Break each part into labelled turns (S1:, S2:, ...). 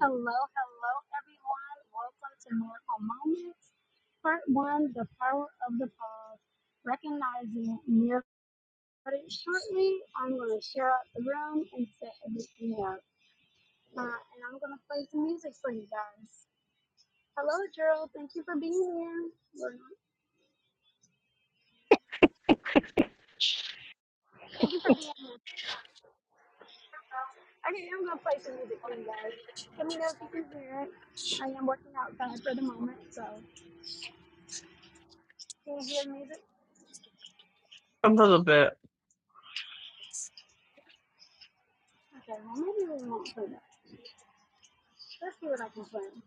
S1: Hello, hello, everyone. Welcome to Miracle Moments, Part One: The Power of the Pause. Recognizing miracles. Shortly, I'm going to share out the room and set everything up, uh, and I'm going to play some music for you guys. Hello, Gerald. Thank you for being here. Well, Thank you for being here. Okay, I'm going to play some music for you guys. Let me know if you can hear it. I am working outside for the moment, so can you hear the music? Okay, well maybe we won't play that. Let's see what I can play.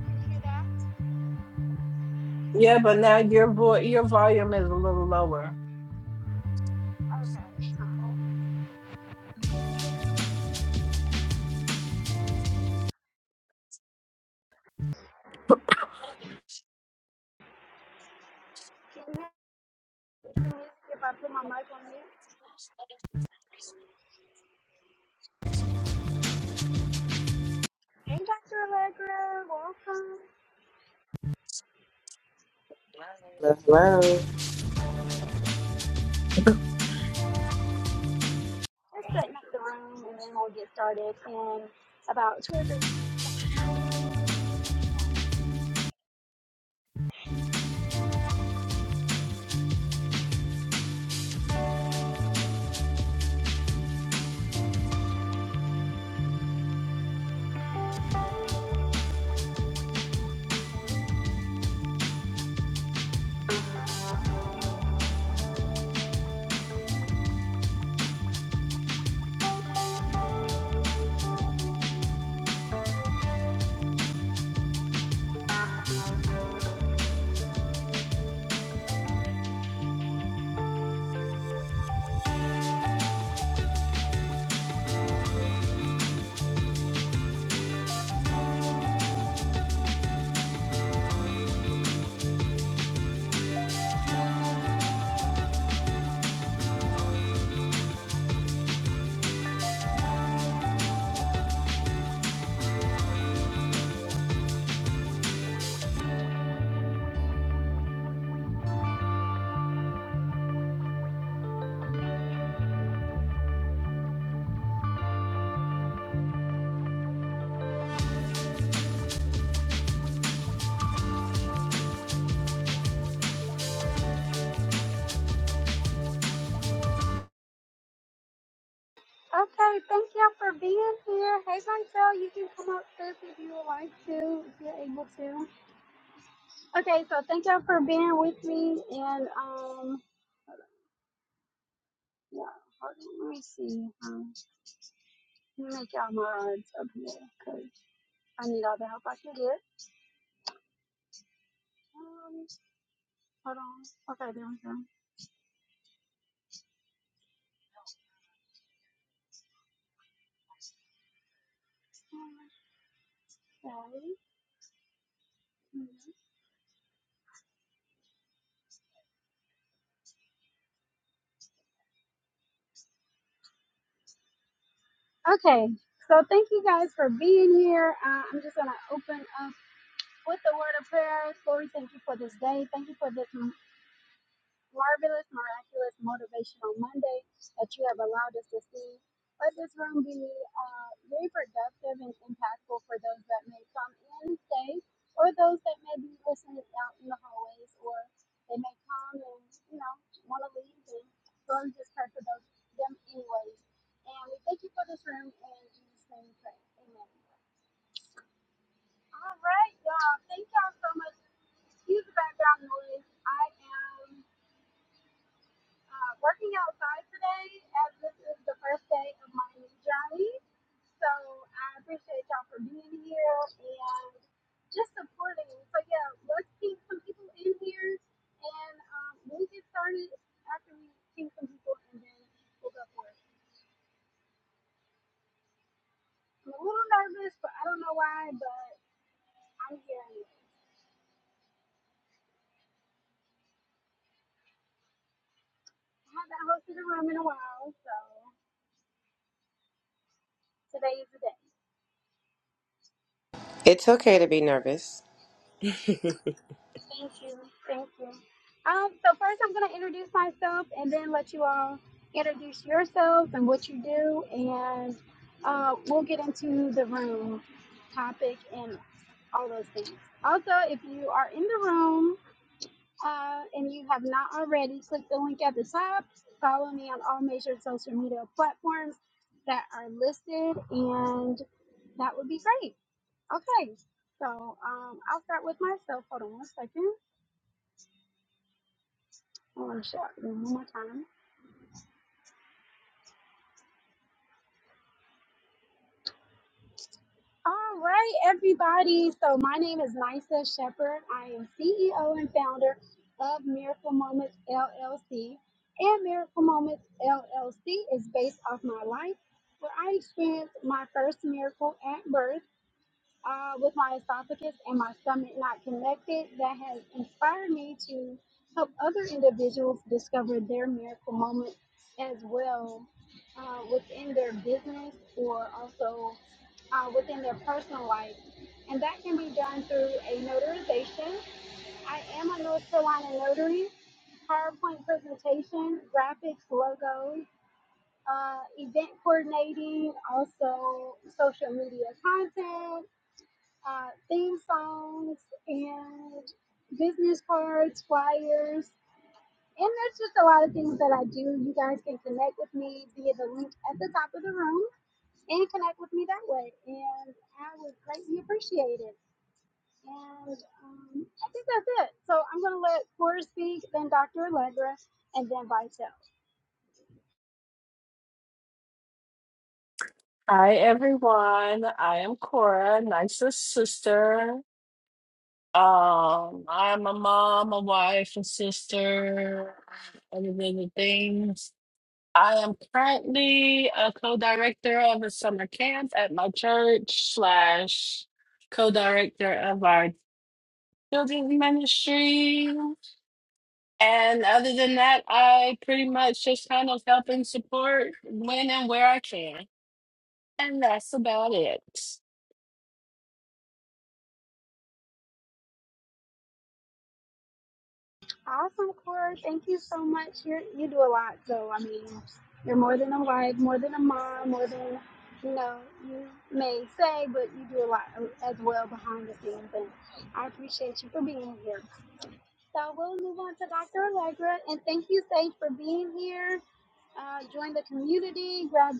S1: Can you hear that? Okay.
S2: Yeah, but now your vo- your volume is a little lower.
S1: Can you hear the music if I put my mic on here? Hey, Dr. Allegra, welcome.
S3: Hello.
S1: Let's setting up the room and then we'll get started in about 20. Okay, thank y'all for being here. Hey, Montel, you can come up first if you would like to, if you're able to. Okay, so thank y'all for being with me and, um, yeah, hold on, let me see. Um, let me make y'all my odds up here because I need all the help I can get. Um, Hold on. Okay, there we go. Okay, Okay. so thank you guys for being here. Uh, I'm just going to open up with the word of prayer. Lord, we thank you for this day. Thank you for this. marvelous, miraculous, motivational Monday that you have allowed us to see. Let this room be uh, very productive and impactful for those that may come in today or those that may be listening out in the hallways or they may come and, you know, want to leave and room just pray for those, them anyways. And we thank you for this room and in Jesus' name we pray. Amen. All right, y'all. Thank y'all so much. Excuse the background noise. I am uh, working outside today as this is the first day of my new journey. So I appreciate y'all for being here and just supporting. So yeah, let's ping some people in here and um, we'll get started after we ping some people and then we'll go for it. I'm a little nervous, but I don't know why, but I'm here anyway. I haven't hosted a room in a while, so today is the day.
S3: It's okay to be nervous.
S1: Thank you. Thank you. Um, so first I'm gonna introduce myself and then let you all introduce yourselves and what you do and uh, we'll get into the room topic and all those things. Also, if you are in the room uh, and you have not already, click the link at the top. Follow me on all major social media platforms that are listed, and that would be great. Okay, so um, I'll start with myself. Hold on one second. Hold on, shout it one more time. All right, everybody. So my name is Nysa Shepherd. I am CEO and founder of Miracle Moments LLC. And Miracle Moments LLC is based off my life where I experienced my first miracle at birth uh, with my esophagus and my stomach not connected that has inspired me to help other individuals discover their miracle moment as well uh, within their business or also uh, within their personal life. And that can be done through a notarization. I am a North Carolina notary, PowerPoint presentation, graphics, logos, uh, event coordinating, also social media content uh, theme songs and business cards, flyers, and there's just a lot of things that I do. You guys can connect with me via the link at the top of the room and connect with me that way, and I would greatly appreciate it. And um, I think that's it. So I'm going to let Cora speak, then Dr. Allegra, and then Vitel.
S2: Hi everyone. I am Cora, Nice's sister. Um, I'm a mom, a wife, a sister, other than the things. I am currently a co-director of a summer camp at my church slash co-director of our children's ministry. And other than that, I pretty much just kind of help and support when and where I can. And that's about it.
S1: Awesome, Corey. Thank you so much. You you do a lot, so I mean, you're more than a wife, more than a mom, more than you know you may say, but you do a lot as well behind the scenes, and I appreciate you for being here. So we'll move on to Dr. Allegra, and thank you, Sage, for being here. Uh, join the community. Grab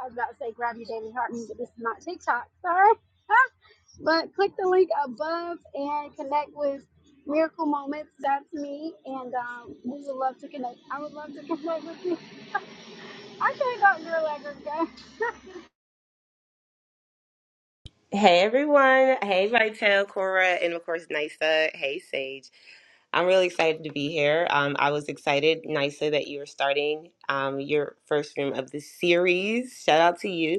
S1: I was about to say grab your daily heart, but this is not TikTok. Sorry. But click the link above and connect with Miracle Moments. That's me, and um, we would love to connect. I would love to connect with you. I should have Dr. Allegra. guys.
S3: Hey everyone. Hey, Vitel, Cora, and of course, Nisa. Hey, Sage. I'm really excited to be here. Um, I was excited, Nisa, that you were starting um, your first room of the series. Shout out to you.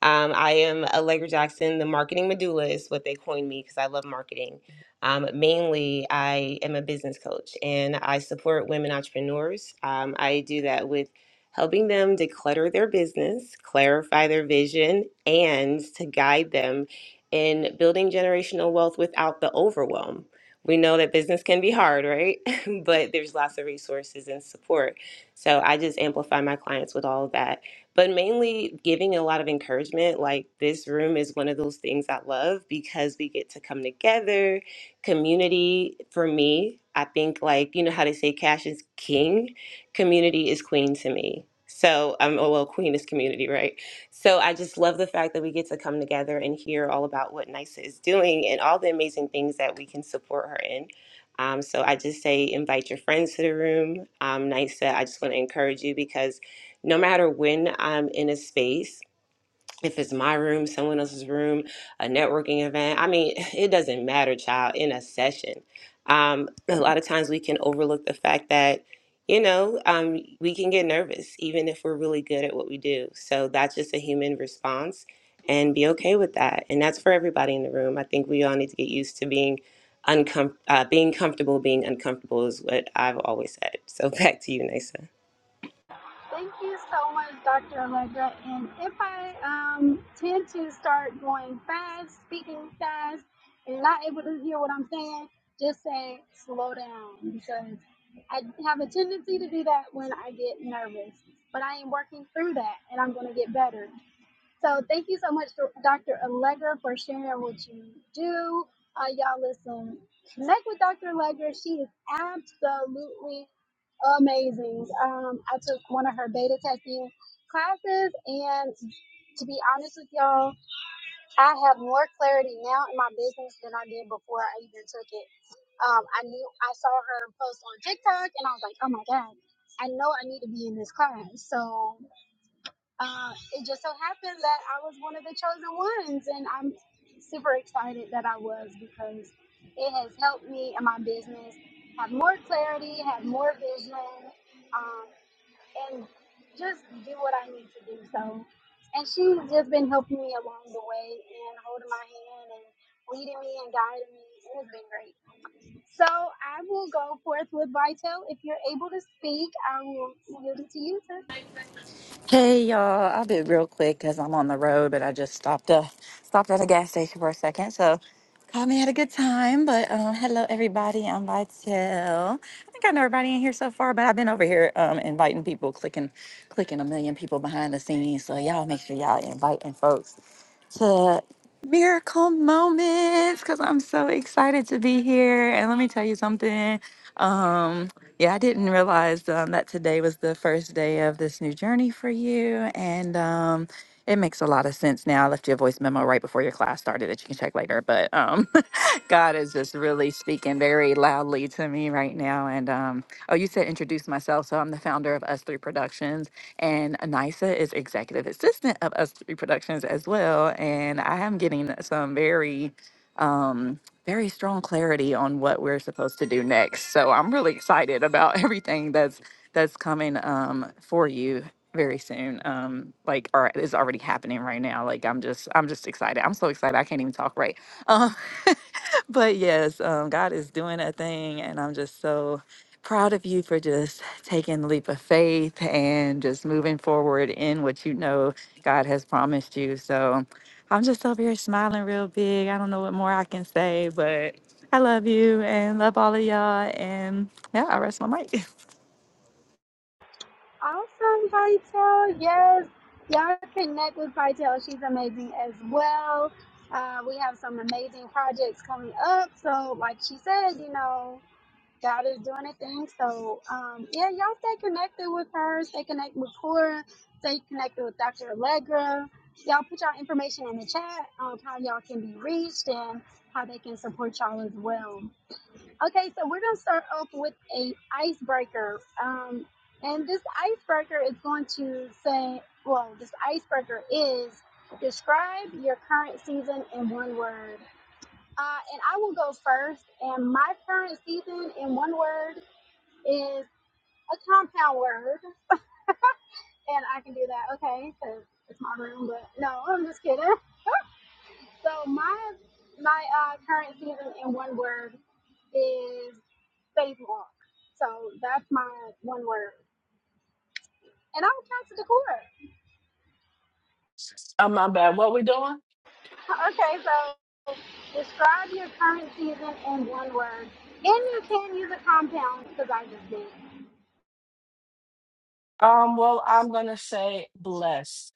S3: Um, I am Allegra Jackson, the marketing medulla is what they coined me because I love marketing. Um, mainly, I am a business coach and I support women entrepreneurs. Um, I do that with helping them declutter their business, clarify their vision, and to guide them in building generational wealth without the overwhelm. We know that business can be hard, right? but there's lots of resources and support. So I just amplify my clients with all of that but mainly giving a lot of encouragement. Like this room is one of those things I love because we get to come together. Community for me, I think like you know how they say cash is king, community is queen to me. So I'm oh well, queen is community, right? So I just love the fact that we get to come together and hear all about what NYSA is doing and all the amazing things that we can support her in. Um, so I just say invite your friends to the room. Um, NYSA, I just want to encourage you because no matter when I'm in a space, if it's my room, someone else's room, a networking event, I mean, it doesn't matter, child, in a session. Um, a lot of times we can overlook the fact that, you know, um, we can get nervous even if we're really good at what we do. So that's just a human response and be okay with that. And that's for everybody in the room. I think we all need to get used to being uncom- uh, being comfortable being uncomfortable is what I've always said. So back to you, Nisa.
S1: Thank you so much, Dr. Allegra. And if I um, tend to start going fast, speaking fast, and not able to hear what I'm saying, just say slow down because I have a tendency to do that when I get nervous. But I am working through that, and I'm going to get better. So thank you so much, Dr. Allegra, for sharing what you do. Uh, y'all listen, connect with Dr. Allegra. She is absolutely amazing. Um, I took one of her beta testing classes, and to be honest with y'all, I have more clarity now in my business than I did before I even took it. Um, I knew I saw her post on TikTok, and I was like, oh my god, I know I need to be in this class. So uh, it just so happened that I was one of the chosen ones, and I'm super excited that I was because it has helped me in my business have more clarity, have more vision, um, and just do what I need to do. So, and she's just been helping me along the way and holding my hand and leading me and guiding me. It's been great. So I will go forth with Vitel. If you're able to speak, I will yield it to you. sis.
S4: Hey y'all, I'll be real quick because I'm on the road, but I just stopped uh stopped at a gas station for a second. So caught me at a good time. But um, hello everybody, I'm Vitel. I think I know everybody in here so far, but I've been over here um, inviting people, clicking clicking a million people behind the scenes. So y'all make sure y'all inviting folks to miracle moments because I'm so excited to be here. And let me tell you something. Um, yeah, I didn't realize um, that today was the first day of this new journey for you, and um, it makes a lot of sense now. I left you a voice memo right before your class started that you can check later, but um, God is just really speaking very loudly to me right now. And um, oh, you said introduce myself. So I'm the founder of Us Three Productions, and Anisa is executive assistant of Us Three Productions as well. And I am getting some very, um, very strong clarity on what we're supposed to do next. So I'm really excited about everything that's that's coming um, for you very soon um like or is already happening right now like i'm just i'm just excited i'm so excited i can't even talk right But yes, um, God is doing a thing, and I'm just so proud of you for just taking the leap of faith and just moving forward in what you know God has promised you. So I'm just over here smiling real big. I don't know what more I can say, but I love you and love all of y'all. And yeah, I rest my mic.
S1: Awesome, Vitel. Yes, y'all connect with Vitel. She's amazing as well. Uh, we have some amazing projects coming up. So, like she said, you know, God is doing a thing. So, um, yeah, y'all stay connected with her. Stay connected with Cora. Stay connected with Dr. Allegra. Y'all put y'all information in the chat on how y'all can be reached and how they can support y'all as well. Okay, so we're gonna start off with a icebreaker, um, and this icebreaker is going to say, well, this icebreaker is describe your current season in one word. Uh, and I will go first. And my current season in one word is a compound word, and I can do that, okay? Because it's my room, but no, I'm just kidding. So my my uh, current season in one word is save walk. So that's my one word. And I'm Tax Decor.
S2: Oh my bad. What we doing?
S1: Okay, so describe your current season in one word. And you can use a compound because I just did.
S2: Um, well, I'm gonna say blessed.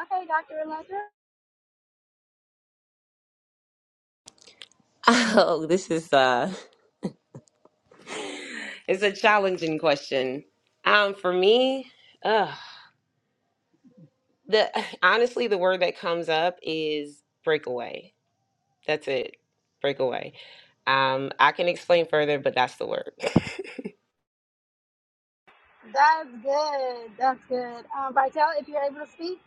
S1: Okay, Dr. Alexa.
S3: Oh, this is uh It's a challenging question. Um, for me, uh, the honestly, the word that comes up is breakaway. That's it, breakaway. Um, I can explain further, but that's the word.
S1: That's good. That's good. Um, Vitel, if you're able to speak.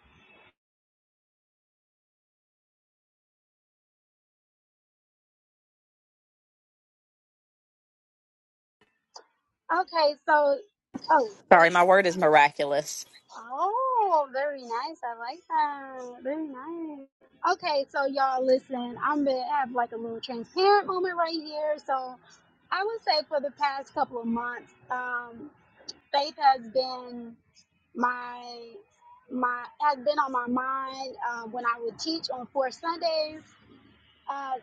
S1: Okay, so, oh,
S4: Sorry, my word is miraculous.
S1: Oh, very nice. I like that. Very nice. Okay, so y'all listen, I'm gonna have like a little transparent moment right here. So I would say for the past couple of months, um, faith has been my my has been on my mind uh, when I would teach on four Sundays. Uh,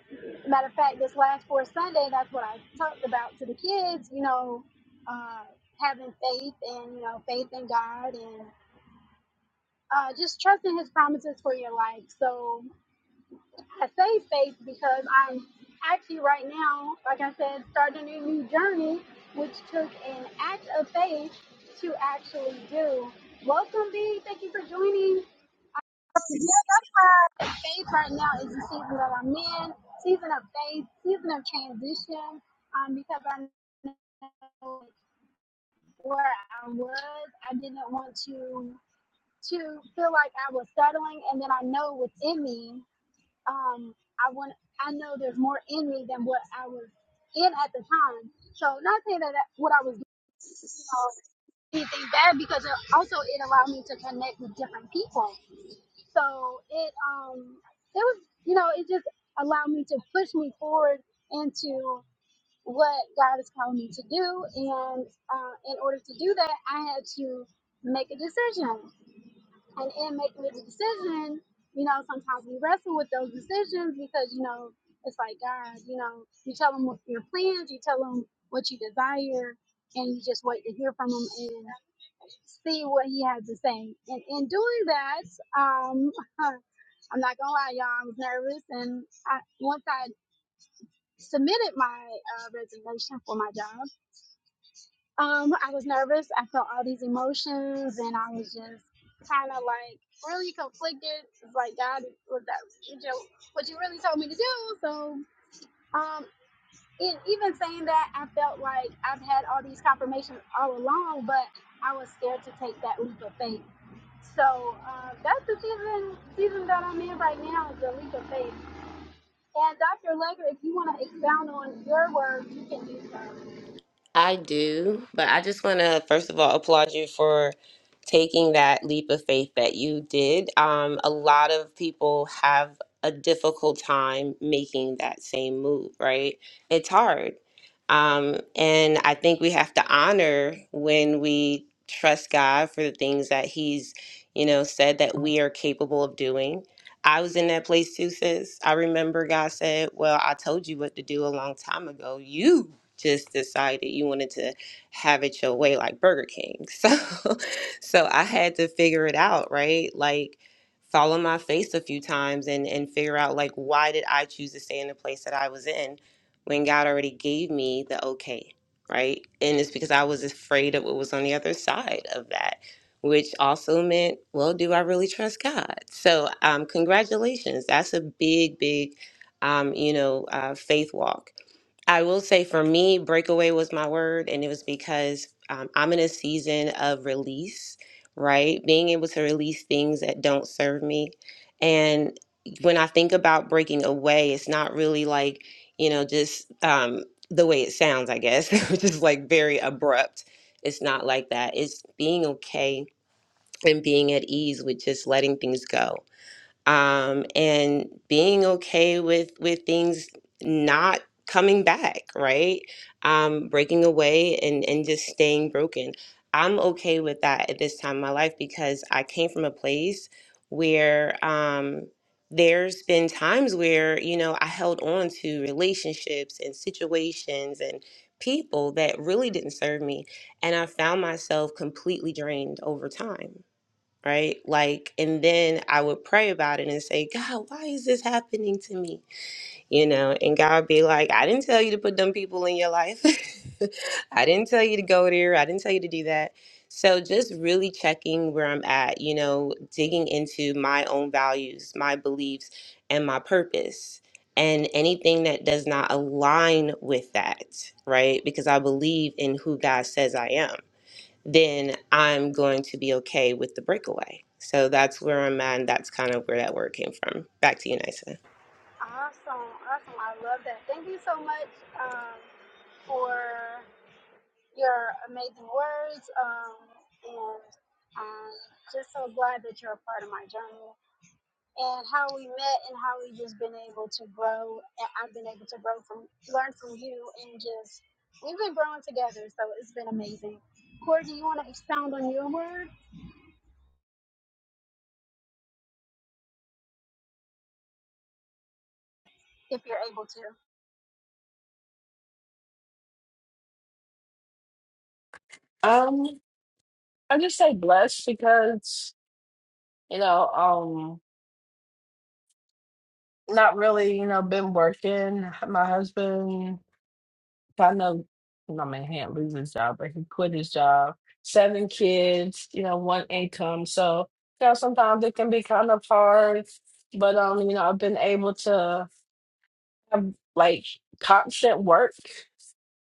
S1: matter of fact, this last Fourth Sunday, that's what I talked about to the kids. You know, uh, having faith and you know faith in God and uh, just trusting his promises for your life. So I say faith because I'm actually right now, like I said, starting a new journey, which took an act of faith to actually do. Welcome, B. Thank you for joining. Yeah, that's why faith right now is the season that I'm in, season of faith, season of transition, um, because I know where I was, I didn't want to to feel like I was settling, and then I know within me, um, I want, I know there's more in me than what I was in at the time. So not saying that that- what I was, doing, you know, anything bad because it also it allowed me to connect with different people. So it um it was you know it just allowed me to push me forward into what God is calling me to do, and uh, in order to do that, I had to make a decision and in making the decision, you know, sometimes we wrestle with those decisions because, you know, it's like God, you know, you tell them what your plans, you tell them what you desire, and you just wait to hear from him and see what he has to say. And in doing that, um, I'm not gonna lie, y'all, I was nervous, and I, once I submitted my uh, resignation for my job, um, I was nervous. I felt all these emotions, and I was just kind of like really conflicted. It's like God was that you know what you really told me to do. So, um, and even saying that, I felt like I've had all these confirmations all along, but I was scared to take that leap of faith. So uh, that's the season season that I'm in right now is the leap of faith. And Dr. Legger, if you want to expound on your words, you can do so.
S3: I do, but I just want to first of all applaud you for taking that leap of faith that you did. Um, a lot of people have a difficult time making that same move, right? It's hard. Um, and I think we have to honor when we trust God for the things that He's, you know, said that we are capable of doing I was in that place too, sis. I remember God said, Well, I told you what to do a long time ago. You just decided you wanted to have it your way like Burger King. So so I had to figure it out, right? Like follow my face a few times and and figure out like why did I choose to stay in the place that I was in when God already gave me the okay, right? And it's because I was afraid of what was on the other side of that which also meant, well, do I really trust God? So, um, congratulations. That's a big, big, um, you know, uh, faith walk. I will say for me, breakaway was my word, and it was because um, I'm in a season of release, right? Being able to release things that don't serve me. And when I think about breaking away, it's not really like, you know, just um, the way it sounds, I guess, which is like very abrupt. It's not like that. It's being okay and being at ease with just letting things go um, and being okay with with things not coming back right um, breaking away and and just staying broken i'm okay with that at this time in my life because i came from a place where um, there's been times where you know i held on to relationships and situations and people that really didn't serve me and i found myself completely drained over time right? Like, and then I would pray about it and say, God, why is this happening to me? You know, and God be like, I didn't tell you to put them people in your life. I didn't tell you to go there. I didn't tell you to do that. So just really checking where I'm at, you know, digging into my own values, my beliefs, and my purpose. And anything that does not align with that, right? Because I believe in who God says I am then I'm going to be okay with the breakaway. So that's where I'm at, and that's kind of where that word came from. Back to you, Nysa.
S1: Awesome, awesome. I love that. Thank you so much um, for your amazing words. Um, and um, just so glad that you're a part of my journey and how we met and how we just been able to grow. And I've been able to grow from, learn from you, and just we've been growing together. So it's been amazing. Corey, do you want to expound on your word if you're able to?
S2: Um, I just say blessed because, you know, um, not really, you know, been working. My husband I know my man can't lose his job, but he quit his job. Seven kids, you know, one income. So, you know, sometimes it can be kind of hard. But um, you know, I've been able to have like constant work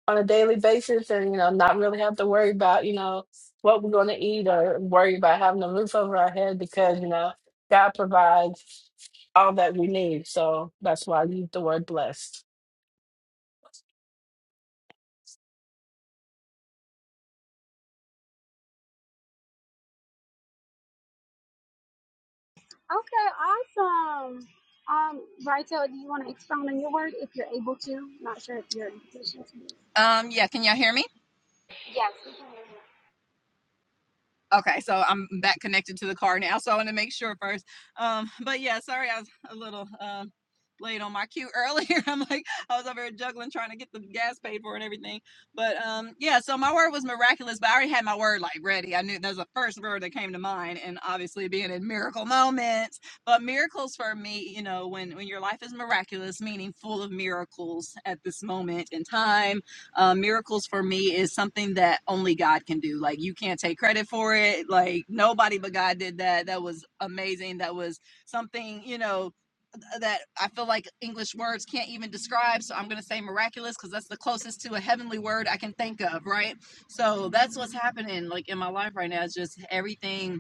S2: on a daily basis and, you know, not really have to worry about, you know, what we're gonna eat or worry about having a roof over our head because, you know, God provides all that we need. So that's why I use the word blessed.
S1: Okay, awesome. Um, Brightel, do you want to expound on your word if you're able to? Not sure if you're in position to. do this.
S4: Um, yeah, can y'all hear me?
S1: Yes, we can hear you.
S4: Okay, so I'm back connected to the car now, so I want to make sure first. Um, but yeah, sorry, I was a little um late on my cue earlier. I'm like, I was over here juggling, trying to get the gas paid for and everything. But um, yeah, so my word was miraculous, but I already had my word like ready. I knew that was the first word that came to mind, and obviously being in miracle moments. But miracles for me, you know, when when your life is miraculous, meaning full of miracles at this moment in time uh, miracles for me is something that only God can do. Like you can't take credit for it. Like nobody but God did that. That was amazing. That was something you know that I feel like English words can't even describe. So I'm gonna say miraculous because that's the closest to a heavenly word I can think of. Right. So that's what's happening like in my life right now. it's just everything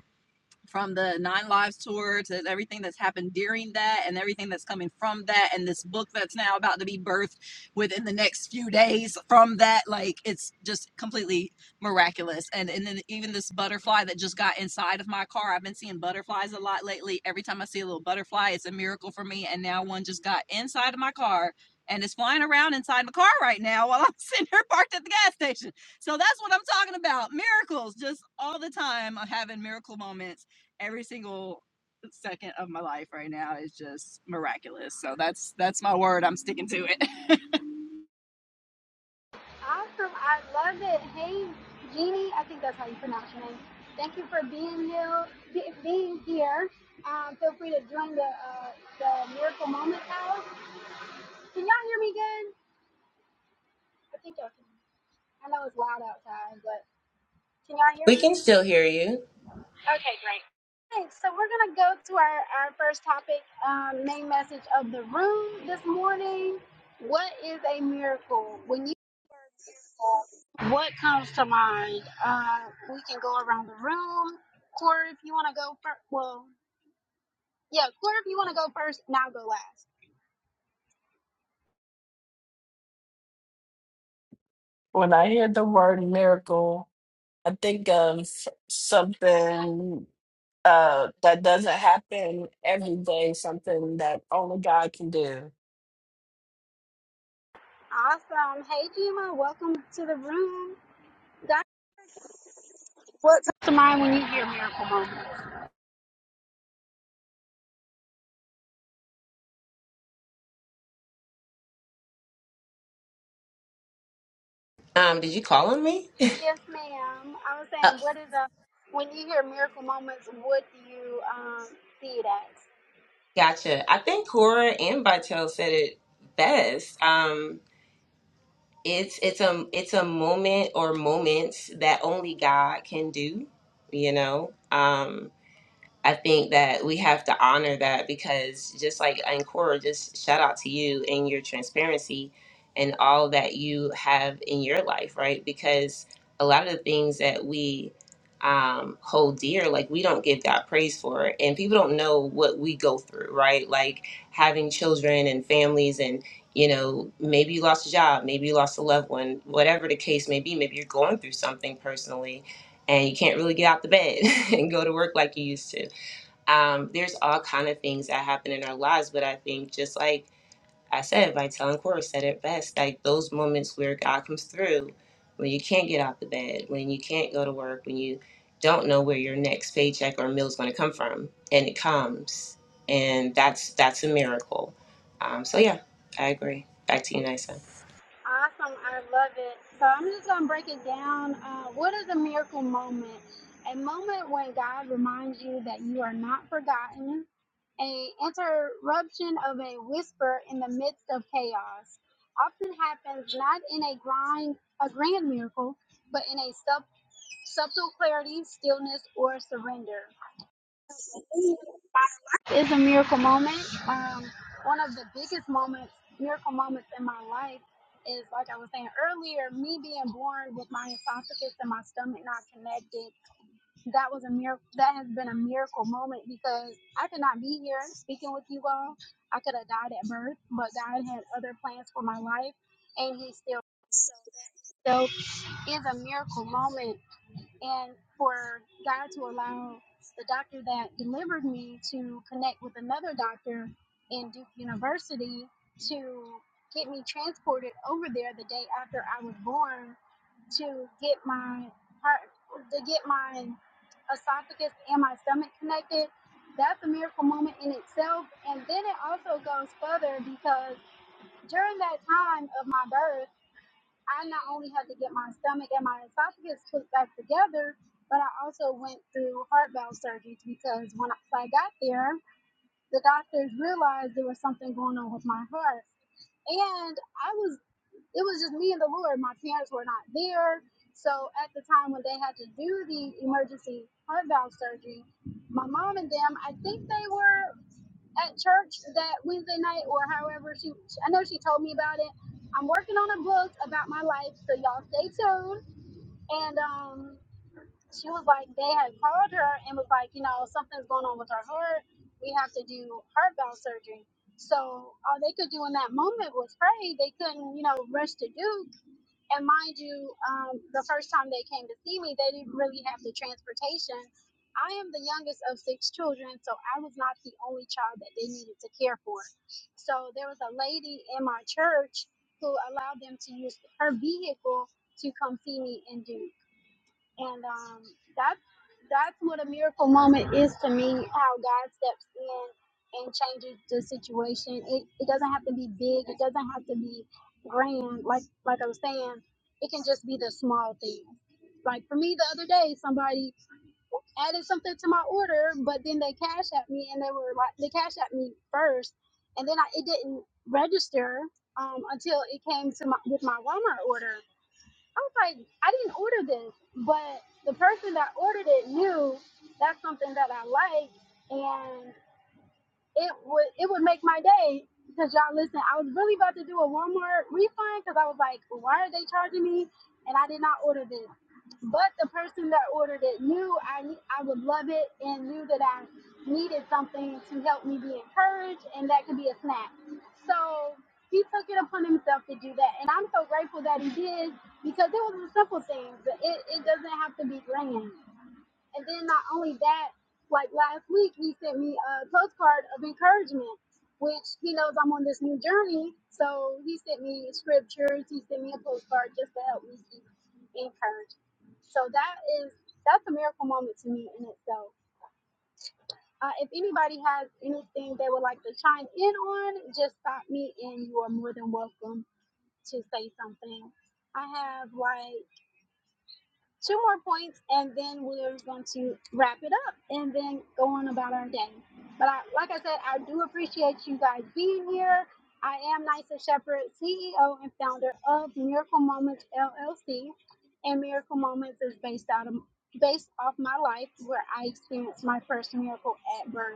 S4: from the Nine Lives tour to everything that's happened during that and everything that's coming from that and this book that's now about to be birthed within the next few days from that like it's just completely miraculous and and then even this butterfly that just got inside of my car I've been seeing butterflies a lot lately every time I see a little butterfly it's a miracle for me and now one just got inside of my car and is flying around inside my car right now while I'm sitting here parked at the gas station so that's what I'm talking about. Miracles, just all the time. I'm having miracle moments every single second of my life right now is just miraculous. So that's that's my word. I'm sticking to it.
S1: Awesome. I love it. Hey, Jeannie, I think that's how you pronounce your name. Thank you for being here. be- Being here. Um, feel free to join the uh, the Miracle Moment House. Can y'all hear me good? I think y'all can. I know it's loud outside, but can y'all hear
S3: We
S1: me?
S3: can still hear you.
S1: right, so we're going to go to our, our first topic, um, main message of the room this morning. What is a miracle? When you hear miracle, what comes to mind? Uh, we can go around the room. Corey, if you want to go first, well, yeah, Corey, if you want to go first, now go last.
S2: When I hear the word miracle, I think of something uh, that doesn't happen every day, something that only God can do.
S1: Awesome. Hey, Gima, welcome to the room. Guys, what comes to mind when you hear miracle moment?
S3: Um, did you call on me?
S1: Yes, ma'am. I was
S3: Uh,
S1: saying, what is a when you hear miracle moments, what do you um, see it as?
S3: gotcha. I think Cora and Vitel said it best. Um, it's it's a it's a moment or moments that only God can do. You know. Um, I think that we have to honor that because just like Ancora, just shout out to you and your transparency and all that you have in your life, right? Because a lot of the things that we um, hold dear, like we don't give God praise for, and people don't know what we go through, right? Like having children and families, and you know, maybe you lost a job, maybe you lost a loved one, whatever the case may be. Maybe you're going through something personally, and you can't really get out the bed and go to work like you used to um, there's all kind of things that happen in our lives but i think just like i said vital and Cora said it best like those moments where god comes through when you can't get out the bed when you can't go to work when you don't know where your next paycheck or meal is going to come from and it comes and that's that's a miracle um, so yeah i agree back to you nisa
S1: Awesome, I love it. So I'm just gonna break it down. Uh, what is a miracle moment? A moment when God reminds you that you are not forgotten. A interruption of a whisper in the midst of chaos often happens not in a grind, a grand miracle, but in a sub, subtle clarity, stillness, or surrender It's a miracle moment. Um, one of the biggest moments, miracle moments in my life is, like I was saying earlier, me being born with my esophagus and my stomach not connected. That was a miracle. That has been a miracle moment because I could not be here speaking with you all. I could have died at birth, but God had other plans for my life, and He still so that itself is a miracle moment and for God to allow the doctor that delivered me to connect with another doctor in Duke University to get me transported over there the day after I was born to get my heart to get my esophagus and my stomach connected. That's a miracle moment in itself. And then it also goes further because during that time of my birth I not only had to get my stomach and my esophagus put back together, but I also went through heart valve surgery because when I, when I got there, the doctors realized there was something going on with my heart. And I was, it was just me and the Lord. My parents were not there. So at the time when they had to do the emergency heart valve surgery, my mom and them, I think they were at church that Wednesday night or however she I know she told me about it. I'm working on a book about my life, so y'all stay tuned. And um she was like they had called her and was like, you know, something's going on with her heart. We have to do heart valve surgery. So all they could do in that moment was pray. They couldn't, you know, rush to do and mind you, um, the first time they came to see me, they didn't really have the transportation. I am the youngest of six children, so I was not the only child that they needed to care for. So there was a lady in my church who allowed them to use her vehicle to come see me and do and um, that's that's what a miracle moment is to me. How God steps in and changes the situation. It it doesn't have to be big. It doesn't have to be grand. Like like I was saying, it can just be the small thing. Like for me, the other day, somebody added something to my order, but then they cash at me, and they were like, they cash at me first, and then I, it didn't register um, until it came to my with my Walmart order. I was like, I didn't order this, but the person that ordered it knew that's something that I like, and it would it would make my day because y'all listen i was really about to do a walmart refund because i was like why are they charging me and i did not order this but the person that ordered it knew i i would love it and knew that i needed something to help me be encouraged and that could be a snack so he took it upon himself to do that and i'm so grateful that he did because it was a simple thing but it, it doesn't have to be grand and then not only that, like last week, he sent me a postcard of encouragement, which he knows I'm on this new journey. So he sent me scriptures, he sent me a postcard just to help me be encouraged. So that is that's a miracle moment to me in itself. Uh, if anybody has anything they would like to chime in on, just stop me and you are more than welcome to say something. I have like two more points and then we're going to wrap it up and then go on about our day. But I, like I said, I do appreciate you guys being here. I am Nysa Shepherd, CEO and founder of Miracle Moments LLC. And Miracle Moments is based out of based off my life where I experienced my first miracle at birth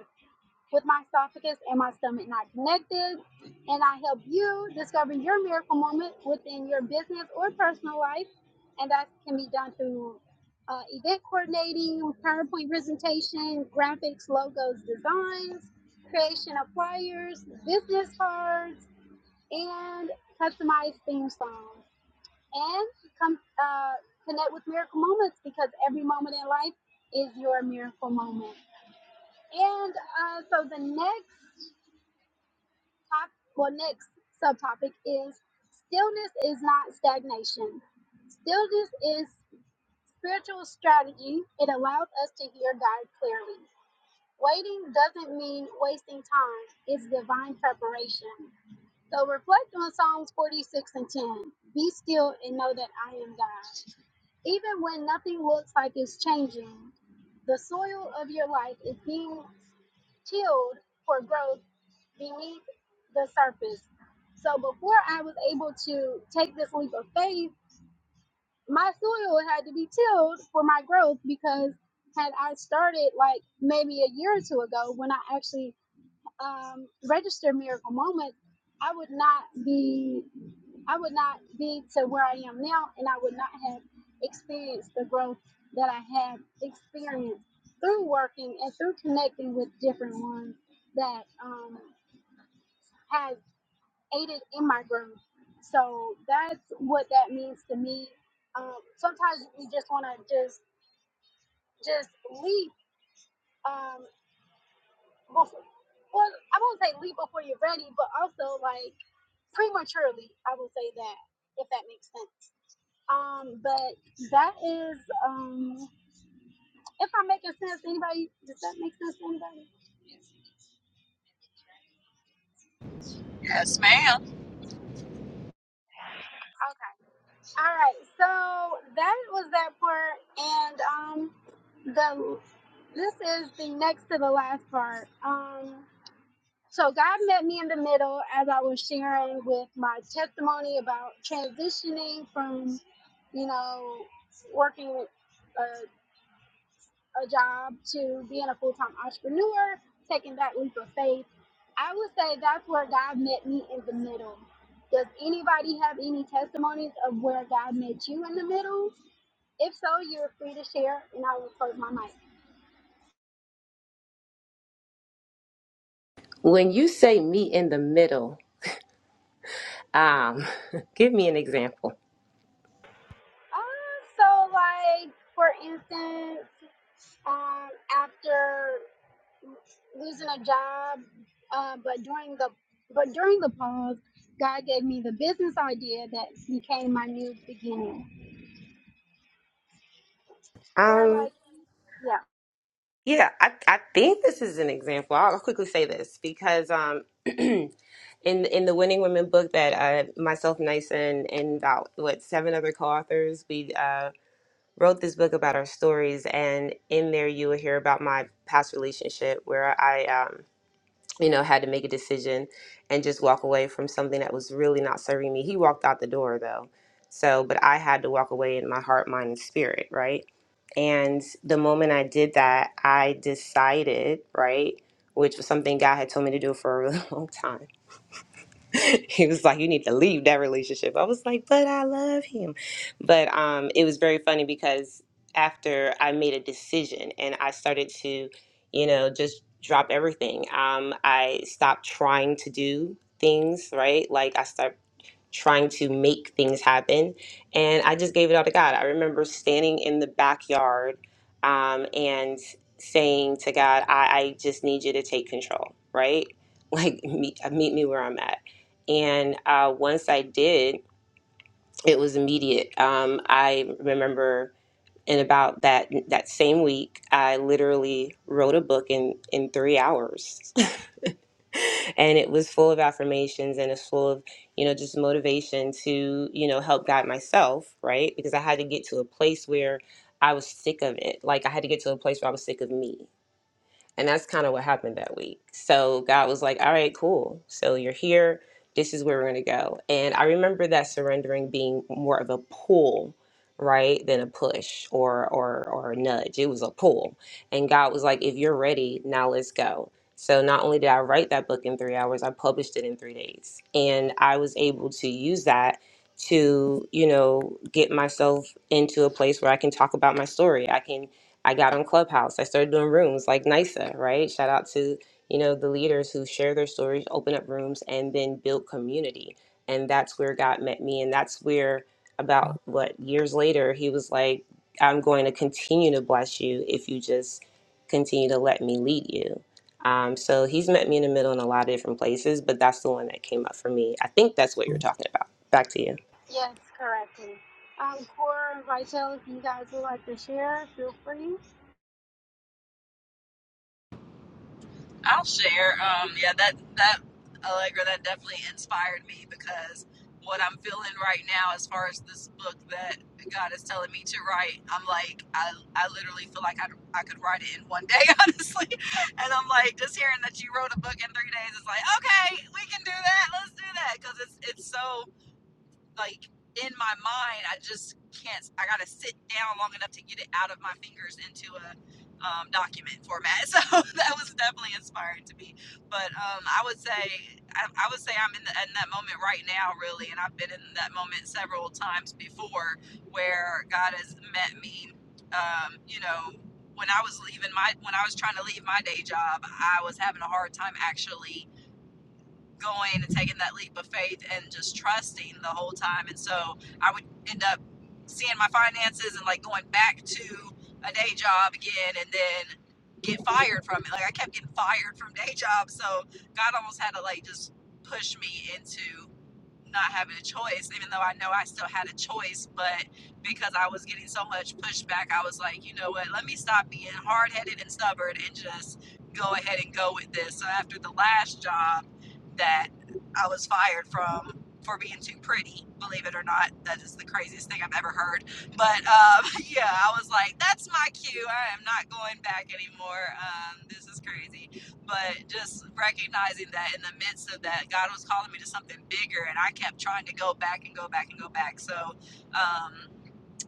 S1: with my esophagus and my stomach not connected. And I help you discover your miracle moment within your business or personal life. And that can be done through uh, event coordinating, PowerPoint presentation, graphics, logos, designs, creation of flyers, business cards, and customized theme songs. And come uh, connect with miracle moments because every moment in life is your miracle moment. And uh, so the next top well next subtopic is stillness is not stagnation stillness is spiritual strategy it allowed us to hear god clearly waiting doesn't mean wasting time it's divine preparation so reflect on psalms 46 and 10 be still and know that i am god even when nothing looks like it's changing the soil of your life is being chilled for growth beneath the surface. So before I was able to take this leap of faith, my soil had to be tilled for my growth because had I started like maybe a year or two ago when I actually um, registered Miracle Moments, I would not be I would not be to where I am now, and I would not have experienced the growth that I have experienced through working and through connecting with different ones that um, has aided in my growth. So that's what that means to me. Um, sometimes we just want to just just leap. Um, before, well, I won't say leap before you're ready, but also like prematurely. I will say that if that makes sense. Um, but that is um if I'm making sense to anybody, does that make sense to anybody?
S4: yes, ma'am.
S1: Okay. All right. So that was that part and um the this is the next to the last part. Um so God met me in the middle as I was sharing with my testimony about transitioning from, you know, working with uh, a job to being a full time entrepreneur, taking that leap of faith. I would say that's where God met me in the middle. Does anybody have any testimonies of where God met you in the middle? If so, you're free to share, and I will close my mic.
S3: when you say meet in the middle um, give me an example
S1: Uh, so, like for instance, um, after losing a job, uh, but during the but during the pause, God gave me the business idea that became my new beginning. Or like yeah.
S3: Yeah, I, I think this is an example. I'll quickly say this because um, in in the Winning Women book that uh, myself, Nyson, and about what seven other co-authors, we uh, wrote this book about our stories, and in there you will hear about my past relationship where I um, you know, had to make a decision and just walk away from something that was really not serving me. He walked out the door though. So, but I had to walk away in my heart, mind, and spirit, right? And the moment I did that, I decided, right, which was something God had told me to do for a really long time he was like, "You need to leave that relationship." I was like, "But I love him." But um, it was very funny because after I made a decision and I started to, you know, just drop everything. Um, I stopped trying to do things right. Like I start trying to make things happen. And I just gave it all to God. I remember standing in the backyard um, and saying to God, I, I just need you to take control, right? Like, meet, meet me where I'm at. And uh, once I did, it was immediate. Um, I remember in about that that same week, I literally wrote a book in in three hours and it was full of affirmations and it's full of you know just motivation to you know help guide myself right because i had to get to a place where i was sick of it like i had to get to a place where i was sick of me and that's kind of what happened that week. So God was like, all right, cool. So you're here. This is where we're going to go. And I remember that surrendering being more of a pull, right, than a push or, or, or a nudge. It was a pull. And God was like, if you're ready, now let's go. So not only did I write that book in three hours, I published it in three days. And I was able to use that to, you know, get myself into a place where I can talk about my story. I can I got on Clubhouse. I started doing rooms like NISA, right? Shout out to, you know, the leaders who share their stories, open up rooms, and then build community. And that's where God met me. And that's where, about what years later, he was like, I'm going to continue to bless you if you just continue to let me lead you. Um, so he's met me in the middle in a lot of different places, but that's the one that came up for me. I think that's what you're talking about. Back to you.
S1: Yes, correctly. Um, Core Vital, if you guys would like to share, feel free.
S4: I'll share. Um, yeah, that that Allegra that definitely inspired me because what I'm feeling right now, as far as this book that God is telling me to write, I'm like, I, I literally feel like I, I could write it in one day, honestly. And I'm like, just hearing that you wrote a book in three days, it's like, okay, we can do that. Let's do that because it's it's so like in my mind, I just can't. I gotta sit down long enough to get it out of my fingers into a um, document format. So that was definitely inspiring to me. But um, I would say, I, I would say I'm in, the, in that moment right now, really, and I've been in that moment several times before, where God has met me. Um, you know, when I was leaving my, when I was trying to leave my day job, I was having a hard time actually going and taking that leap of faith and just trusting the whole time. And so I would end up seeing my finances and like going back to a day job again and then get fired from it. Like I kept getting fired from day jobs. So God almost had to like just push me into not having a choice, even though I know I still had a choice. But because I was getting so much pushback, I was like, you know what? Let me stop being hard headed and stubborn and just go ahead and go with this. So after the last job, that I was fired from for being too pretty. Believe it or not, that is the craziest thing I've ever heard. But um, yeah, I was like, that's my cue. I am not going back anymore. Um, this is crazy. But just recognizing that in the midst of that, God was calling me to something bigger, and I kept trying to go back and go back and go back. So um,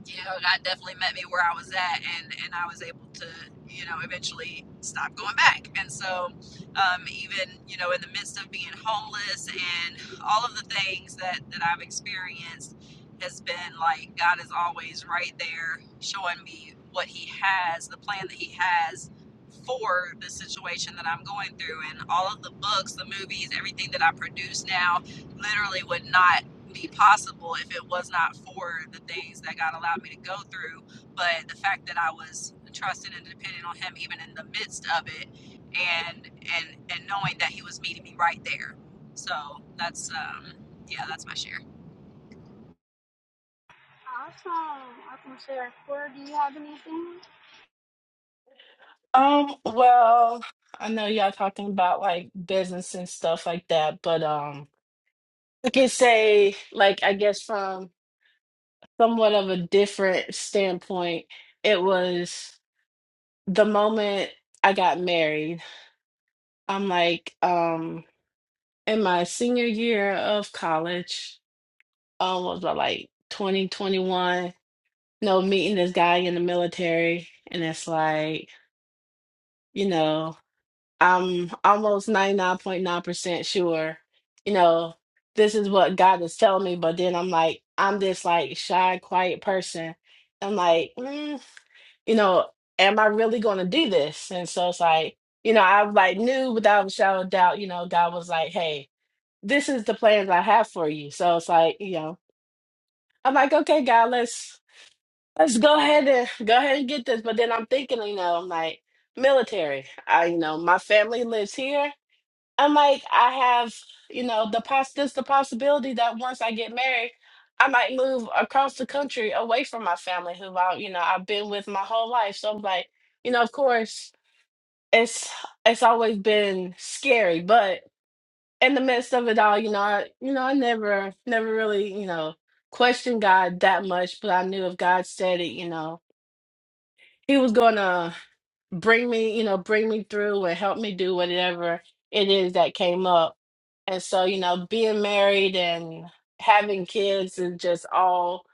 S4: you know, God definitely met me where I was at, and and I was able to, you know, eventually stop going back. And so, um, even you know, in the midst of being homeless and all of the things that that I've experienced, has been like God is always right there, showing me what He has, the plan that He has for the situation that I'm going through, and all of the books, the movies, everything that I produce now, literally would not be possible if it was not for the things that God allowed me to go through. But the fact that I was trusting and depending on Him, even in the midst of it, and and and knowing that He was meeting me right there. So that's um, yeah, that's my share.
S1: Awesome, awesome share. Core, do you have anything?
S2: Um, well, I know y'all talking about like business and stuff like that, but um, I can say like I guess from somewhat of a different standpoint, it was the moment I got married. I'm like um in my senior year of college, um was about like 2021 you know, meeting this guy in the military, and it's like, you know, I'm almost 99.9% sure, you know, this is what God is telling me. But then I'm like, I'm this like shy, quiet person. I'm like, mm, you know, am I really going to do this? And so it's like, you know, I like knew without a shadow of doubt, you know, God was like, hey, this is the plans I have for you. So it's like, you know, I'm like, okay, God, let's. Let's go ahead and go ahead and get this. But then I'm thinking, you know, I'm like, military. I, you know, my family lives here. I'm like, I have, you know, the poss this the possibility that once I get married, I might move across the country away from my family, who I, you know, I've been with my whole life. So I'm like, you know, of course, it's it's always been scary, but in the midst of it all, you know, I, you know, I never, never really, you know, questioned God that much. But I knew if God said it, you know he was gonna bring me, you know, bring me through and help me do whatever it is that came up. And so, you know, being married and having kids is just all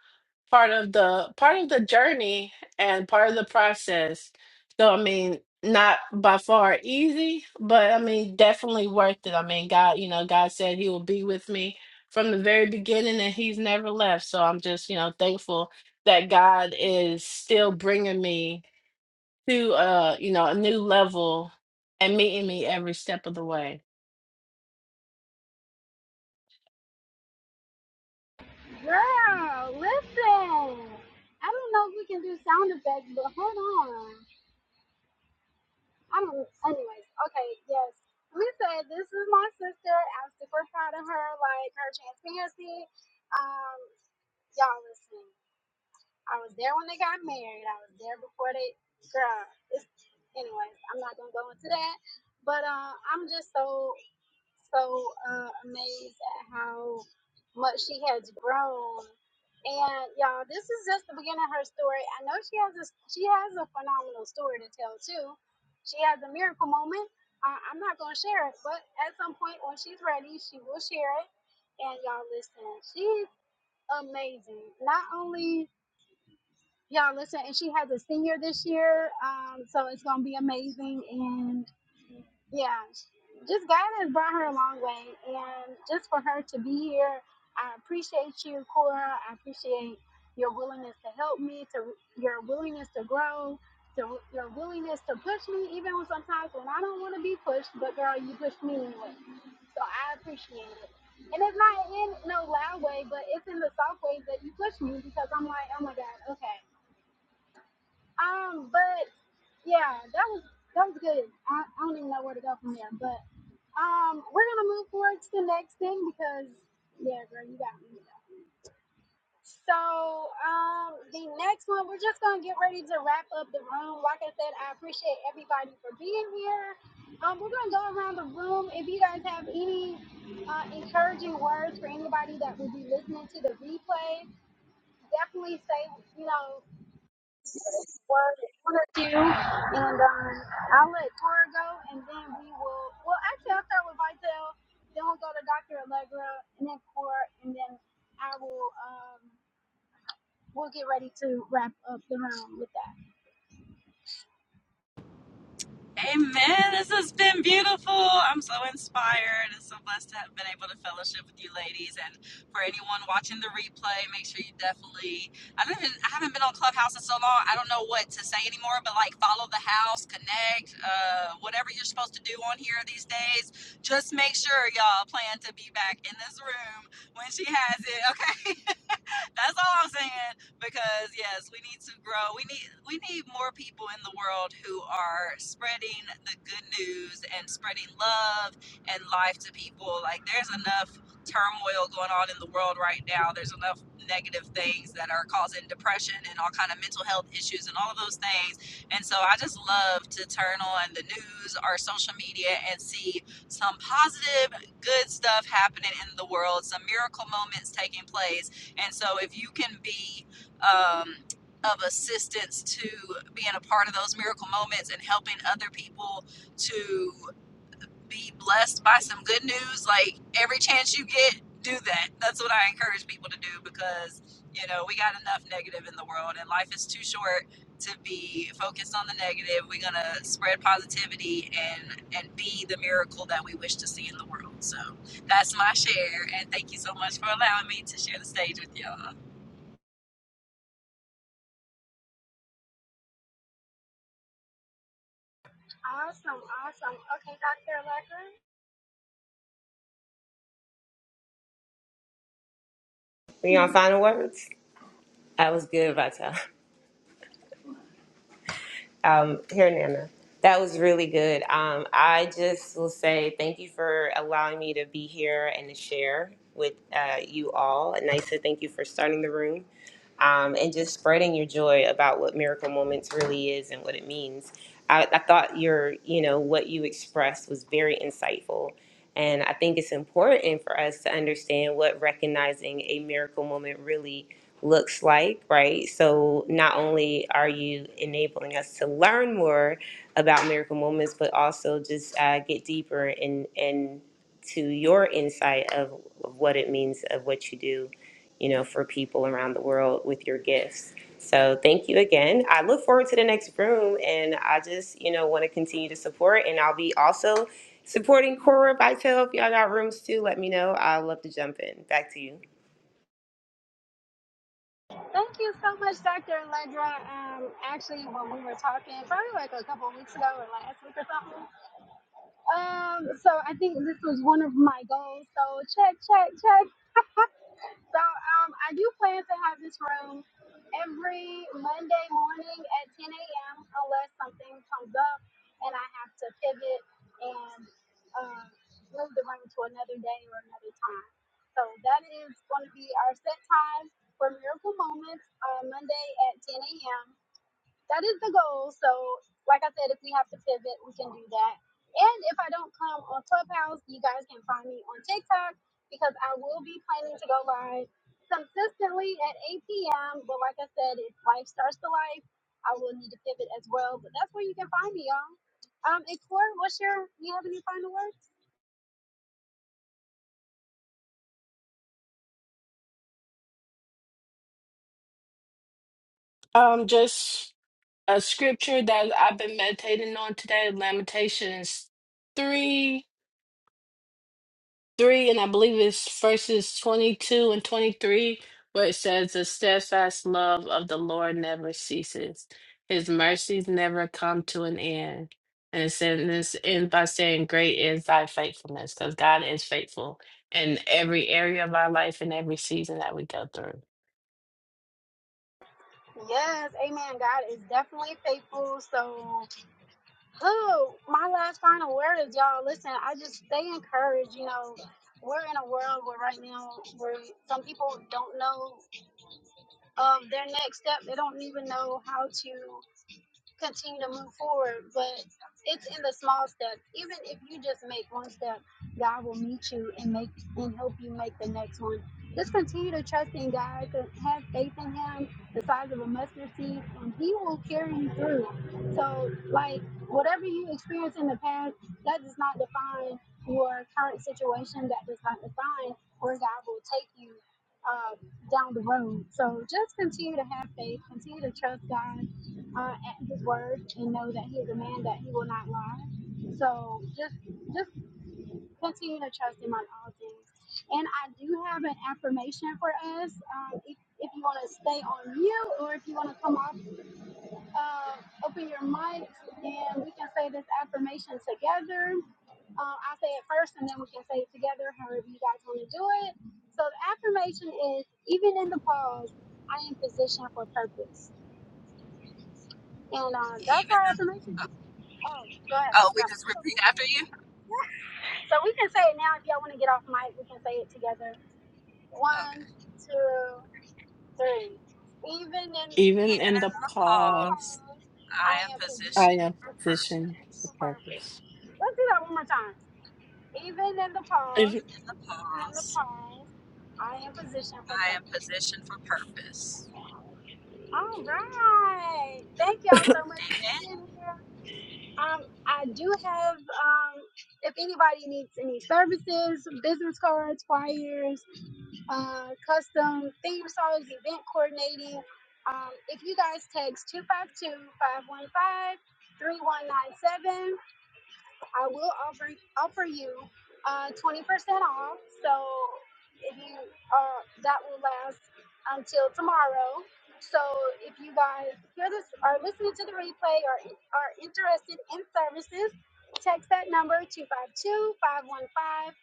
S2: part of the part of the journey and part of the process. So I mean, not by far easy, but I mean definitely worth it. I mean, God, you know, God said he will be with me from the very beginning and he's never left. So I'm just, you know, thankful that God is still bringing me to uh you know a new level and meeting me every step of the way
S1: Girl, listen. I don't know if we can do sound effects, but hold on. I don't. Anyways, okay, yes. We said this is my sister. I'm super proud of her, like her transparency. Um, y'all listen. I was there when they got married. I was there before they, girl. It's, anyways, I'm not gonna go into that. But uh, I'm just so so uh, amazed at how much she has grown. And y'all, this is just the beginning of her story. I know she has a she has a phenomenal story to tell too. She has a miracle moment. Uh, I'm not gonna share it, but at some point when she's ready, she will share it. And y'all, listen, she's amazing. Not only y'all listen and she has a senior this year um so it's gonna be amazing and yeah just god has brought her a long way and just for her to be here i appreciate you cora i appreciate your willingness to help me to your willingness to grow to your willingness to push me even when sometimes when i don't want to be pushed but girl you push me anyway so i appreciate it and it's not in no loud way, but it's in the soft way that you push me because I'm like, oh my God, okay. Um, but yeah, that was that was good. I, I don't even know where to go from there. But um, we're gonna move forward to the next thing because yeah, girl, you got me. So um, the next one, we're just gonna get ready to wrap up the room. Like I said, I appreciate everybody for being here. Um, we're gonna go around the room. If you guys have any uh, encouraging words for anybody that will be listening to the replay, definitely say you know what we want do, and um, I'll let Tora go, and then we will. Well, actually, I'll start with Vitel, then we'll go to Dr. Allegra, and then Core, and then I will. Um, we'll get ready to wrap up the round with that.
S4: Amen. This has been beautiful. I'm so inspired and so blessed to have been able to fellowship with you ladies. And for anyone watching the replay, make sure you definitely I don't even, I haven't been on Clubhouse in so long. I don't know what to say anymore, but like follow the house, connect, uh, whatever you're supposed to do on here these days. Just make sure y'all plan to be back in this room when she has it. Okay. That's all I'm saying. Because yes, we need to grow. We need we need more people in the world who are spreading the good news and spreading love and life to people. Like there's enough turmoil going on in the world right now. There's enough negative things that are causing depression and all kind of mental health issues and all of those things. And so I just love to turn on the news or social media and see some positive, good stuff happening in the world, some miracle moments taking place and so, if you can be um, of assistance to being a part of those miracle moments and helping other people to be blessed by some good news, like every chance you get, do that. That's what I encourage people to do because, you know, we got enough negative in the world and life is too short to be focused on the negative. We're going to spread positivity and and be the miracle that we wish to see in the world. So, that's my share and thank you so much for allowing me to share the stage with y'all.
S1: Awesome, awesome. Okay, Dr. Allegra.
S3: Are you on final words? That was good, Vital. Um, here, Nana. That was really good. Um, I just will say thank you for allowing me to be here and to share with uh, you all. And Nisa, thank you for starting the room um, and just spreading your joy about what Miracle Moments really is and what it means. I, I thought your, you know, what you expressed was very insightful. And I think it's important for us to understand what recognizing a miracle moment really looks like, right? So not only are you enabling us to learn more about miracle moments, but also just uh, get deeper in in to your insight of what it means of what you do, you know, for people around the world with your gifts. So thank you again. I look forward to the next room, and I just you know want to continue to support, and I'll be also supporting Cora Vitel. If y'all got rooms too, let me know. I'd love to jump in. Back to you.
S1: Thank you so much, Dr. Allegra. Um, actually, when we were talking, probably like a couple of weeks ago or last week or something. Um, so I think this was one of my goals. So check, check, check. So, um, I do plan to have this room every Monday morning at 10 a.m. unless something comes up and I have to pivot and um, move the room to another day or another time. So that is going to be our set time for Miracle Moments on Monday at 10 a.m that is the goal. So, like I said, if we have to pivot, we can do that. And if I don't come on Clubhouse, you guys can find me on TikTok because I will be planning to go live consistently at 8 p.m. But like I said, if life starts to life, I will need to pivot as well. But that's where you can find me, y'all. Um, Explore, what's your, you have any final words?
S2: um just a scripture that i've been meditating on today lamentations 3 three, and I believe it's verses 22 and 23, where it says, The steadfast love of the Lord never ceases, his mercies never come to an end. And it says, and this ends by saying, Great is thy faithfulness, because God is faithful in every area of our life and every season that we go through.
S1: Yes, amen. God is definitely faithful. So, Oh, my last final word is y'all. Listen, I just stay encouraged. You know, we're in a world where right now, where some people don't know of their next step. They don't even know how to continue to move forward. But it's in the small steps. Even if you just make one step, God will meet you and make and help you make the next one. Just continue to trust in God, to have faith in Him, the size of a mustard seed, and He will carry you through. So, like whatever you experienced in the past, that does not define your current situation. That does not define where God will take you uh, down the road. So, just continue to have faith, continue to trust God, uh, at his word and know that he is a man that he will not lie. So just just continue to trust him on all things. And I do have an affirmation for us. Um, if, if you want to stay on mute or if you want to come off, uh, open your mics and we can say this affirmation together. Um, I'll say it first and then we can say it together, however you guys want to do it. So the affirmation is even in the pause, I am positioned for purpose. And um, that's
S4: Even
S1: our
S4: in,
S1: affirmation.
S4: oh,
S1: Oh, go ahead.
S4: oh, we
S1: Go.
S4: just
S1: So
S4: repeat
S1: we can
S4: after you?
S1: so we can say it now if y'all want to get off mic, we can say it together.
S4: Okay.
S1: One, two, three. Even in
S2: Even
S4: Even
S2: in the
S4: in the
S2: pause,
S4: pause,
S1: repose,
S4: I
S1: I
S4: am
S1: am
S2: I
S4: positioned
S2: am
S1: possessed
S4: for
S1: with
S2: positioned for
S4: purpose.
S1: purpose.
S2: purpose.
S1: Let's do that one more time. Even in the pause,
S4: Even in the
S1: even in the
S4: pause,
S1: pause, I am positioned for
S4: I am
S1: purpose.
S4: positioned for purpose.
S1: All right. Thank y'all so much for
S4: Amen.
S1: being here. Um, I do have, um, if anybody needs any services, business cards, flyers, uh, custom theme songs, event coordinating, um, if you guys text 252 515 3197. I will offer offer you uh, twenty percent off. So if you uh, that will last until tomorrow. So if you guys hear this, are listening to the replay, or are interested in services, text that number 252 515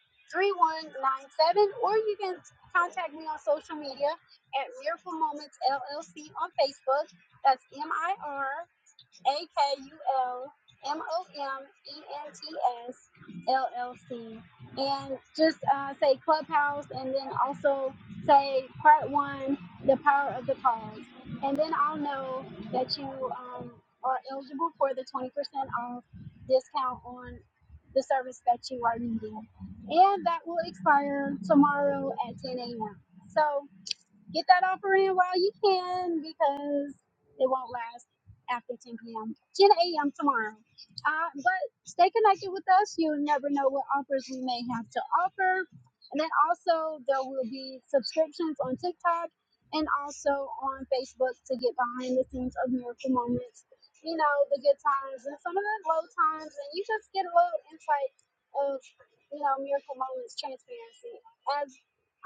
S1: or you can contact me on social media at Miracle Moments LLC on Facebook. That's M I R. A K U L M O M E N T S L L C. And just uh, say Clubhouse and then also say part one, the power of the cause. And then I'll know that you um, are eligible for the 20% off discount on the service that you are needing. And that will expire tomorrow at 10 a.m. So Get that offer in while you can because it won't last after 10 p.m., 10 a.m. tomorrow. Uh, but stay connected with us. You'll never know what offers we may have to offer. And then also, there will be subscriptions on TikTok and also on Facebook to get behind the scenes of Miracle Moments. You know, the good times and some of the low times, and you just get a little insight of, you know, Miracle Moments transparency as.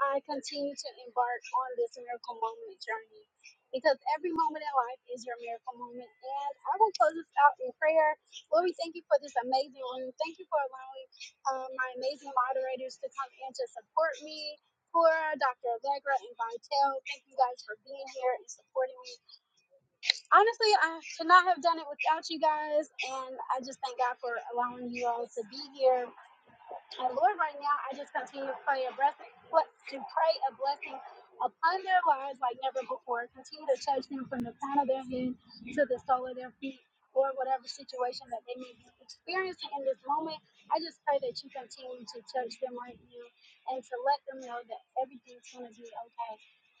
S1: I continue to embark on this miracle moment journey because every moment in life is your miracle moment. And I will close this out in prayer. Lord, we thank you for this amazing room. Thank you for allowing um, my amazing moderators to come in to support me. For Dr. Allegra and Vitel, thank you guys for being here and supporting me. Honestly, I could not have done it without you guys, and I just thank God for allowing you all to be here and Lord, right now, I just continue to pray a blessing, to pray a blessing upon their lives like never before. Continue to touch them from the crown of their head to the sole of their feet, or whatever situation that they may be experiencing in this moment. I just pray that you continue to touch them right now and to let them know that everything's going to be okay.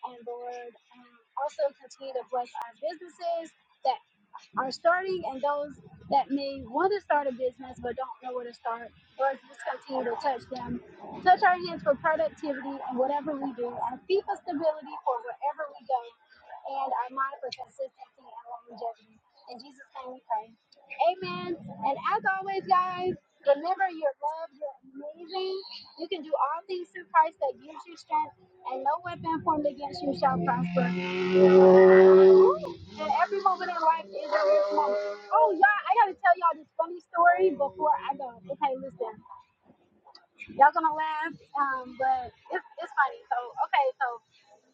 S1: And Lord, um, also continue to bless our businesses. that are starting and those that may want to start a business but don't know where to start. Lord, just continue to touch them. Touch our hands for productivity and whatever we do, our feet for stability for wherever we go, and our mind for consistency and longevity. In Jesus' name we pray. Amen. And as always, guys, remember you're loved, you're amazing. You can do all things through Christ that gives you strength, and no weapon formed against you shall prosper. And every moment in life is a rich moment. Oh, y'all, I gotta tell y'all this funny story before I go. Okay, listen, y'all gonna laugh, um, but it's, it's funny. So, okay, so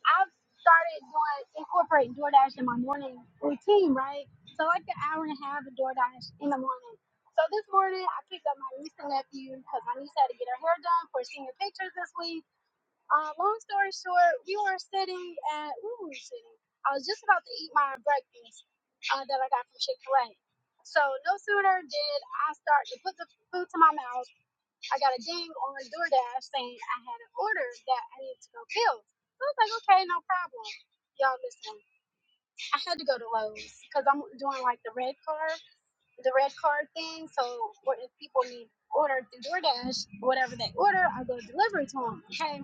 S1: I've started doing incorporating DoorDash in my morning routine, right? So like an hour and a half of DoorDash in the morning. So this morning I picked up my niece and nephew because my niece had to get her hair done for senior pictures this week. Uh, long story short, we were sitting at where were we sitting? I was just about to eat my breakfast uh, that I got from Chick Fil A. So no sooner did I start to put the food to my mouth, I got a ding on DoorDash saying I had an order that I needed to go fill. So I was like, okay, no problem. Y'all listen, I had to go to Lowe's because I'm doing like the red card, the red card thing. So what if people need order through DoorDash, whatever they order, I go deliver it to them. Okay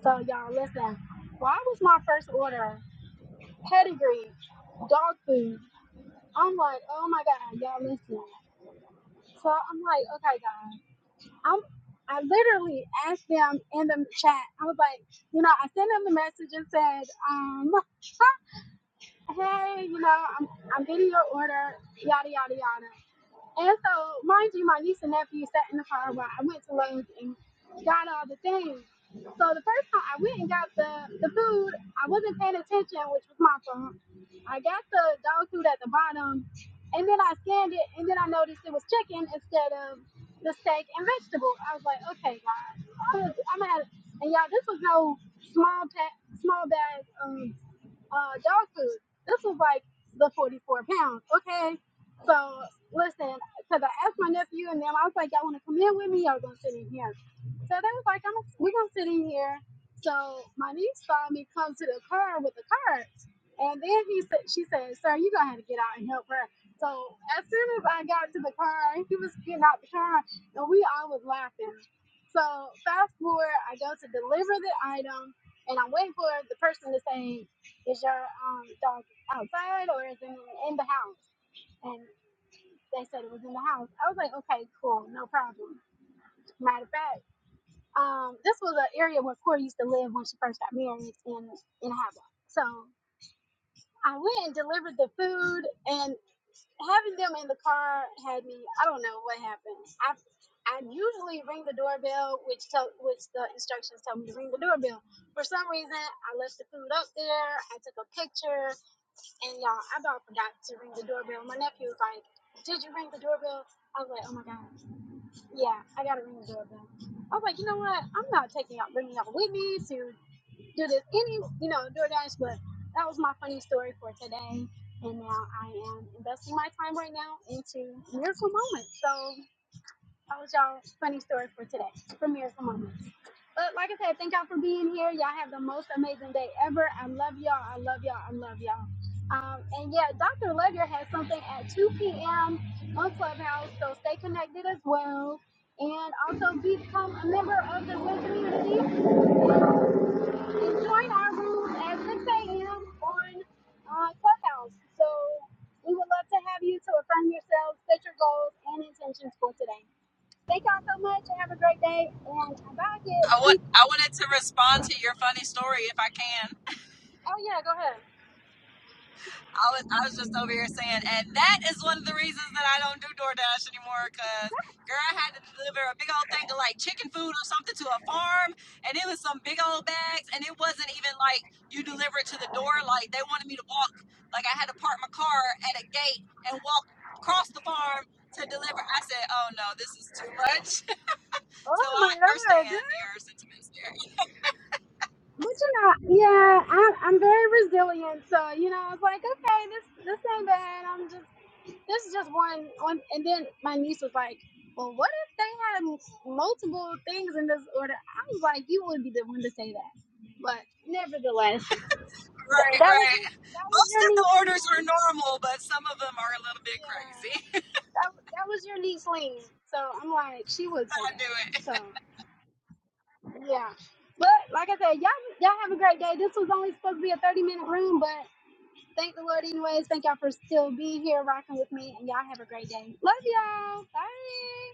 S1: so y'all listen. Why was my first order pedigree dog food? I'm like, oh my god, y'all listen. So I'm like, okay guys, I'm I literally asked them in the chat. I was like, you know, I sent them the message and said, um, hey, you know, I'm I'm getting your order, yada yada yada. And so, mind you, my niece and nephew sat in the car while I went to Lowe's and got all the things. So the first time I went and got the, the food, I wasn't paying attention, which was my fault. I got the dog food at the bottom, and then I scanned it, and then I noticed it was chicken instead of the steak and vegetable. I was like, okay, guys, I'm gonna, I'm gonna have, and y'all, this was no small pack, small bag. um, uh, dog food. This was like the 44 pounds, okay? So, listen, because I asked my nephew and them, I was like, y'all want to come in with me? Y'all going to sit in here. So they was like, I'm, we're going to sit in here. So my niece saw me come to the car with the cart. And then he said, she said, sir, you going to have to get out and help her. So as soon as I got to the car, he was getting out the car, and we all was laughing. So fast forward, I go to deliver the item, and I'm waiting for the person to say, is your um dog outside or is it in the house? And they said it was in the house. I was like, okay, cool, no problem. Matter of fact, um, this was an area where Corey used to live when she first got married in in Havoc. So I went and delivered the food, and having them in the car had me. I don't know what happened. I I usually ring the doorbell, which tell which the instructions tell me to ring the doorbell. For some reason, I left the food up there. I took a picture And y'all, I about forgot to ring the doorbell. My nephew was like, Did you ring the doorbell? I was like, Oh my God. Yeah, I got to ring the doorbell. I was like, You know what? I'm not taking y'all, bringing y'all with me to do this any, you know, DoorDash, but that was my funny story for today. And now I am investing my time right now into Miracle Moments. So. That was y'all's funny story for today. Premieres for moments. But like I said, thank y'all for being here. Y'all have the most amazing day ever. I love y'all. I love y'all. I love y'all. Um, and yeah, Dr. Ledger has something at 2 p.m. on Clubhouse, so stay connected as well. And also become a member of the WIN community and join our rooms at 6 a.m. on uh, Clubhouse. So we would love to have you to affirm yourselves, set your goals and intentions for today. Thank y'all so much and have a great day. And I'm about to
S4: I want
S1: leave
S4: I
S1: class.
S4: wanted to respond to your funny story if I can.
S1: Oh yeah, go ahead.
S4: I was, I was just over here saying, and that is one of the reasons that I don't do DoorDash anymore. Cause girl, I had to deliver a big old thing of like chicken food or something to a farm, and it was some big old bags, and it wasn't even like you deliver it to the door. Like they wanted me to walk, like I had to park my car at a gate and walk across the farm to deliver. I said, oh no, this is too much. so
S1: Oh
S4: I
S1: my lord,
S4: understand your sentiments there.
S1: but you know, yeah, I'm I'm very resilient. So you know, I was like, okay, this this ain't bad. I'm just this is just one one. And then my niece was like, well, what if they had m- multiple things in this order? I was like, you would be the one to say that. But nevertheless, th-
S4: Right,
S1: that was
S4: right.
S1: your that was
S4: Most
S1: your
S4: of the
S1: niece,
S4: orders
S1: Lena.
S4: are normal, but some of them are a little bit
S1: Yeah,
S4: crazy.
S1: that that was your niece, Lena. So I'm like, she would say
S4: I
S1: that.
S4: knew it.
S1: So. Yeah. But like I said, y'all y'all have a great day. This was only supposed to be a 30 minute room, but thank the Lord anyways. Thank y'all for still being here rocking with me and y'all have a great day. Love y'all. Bye.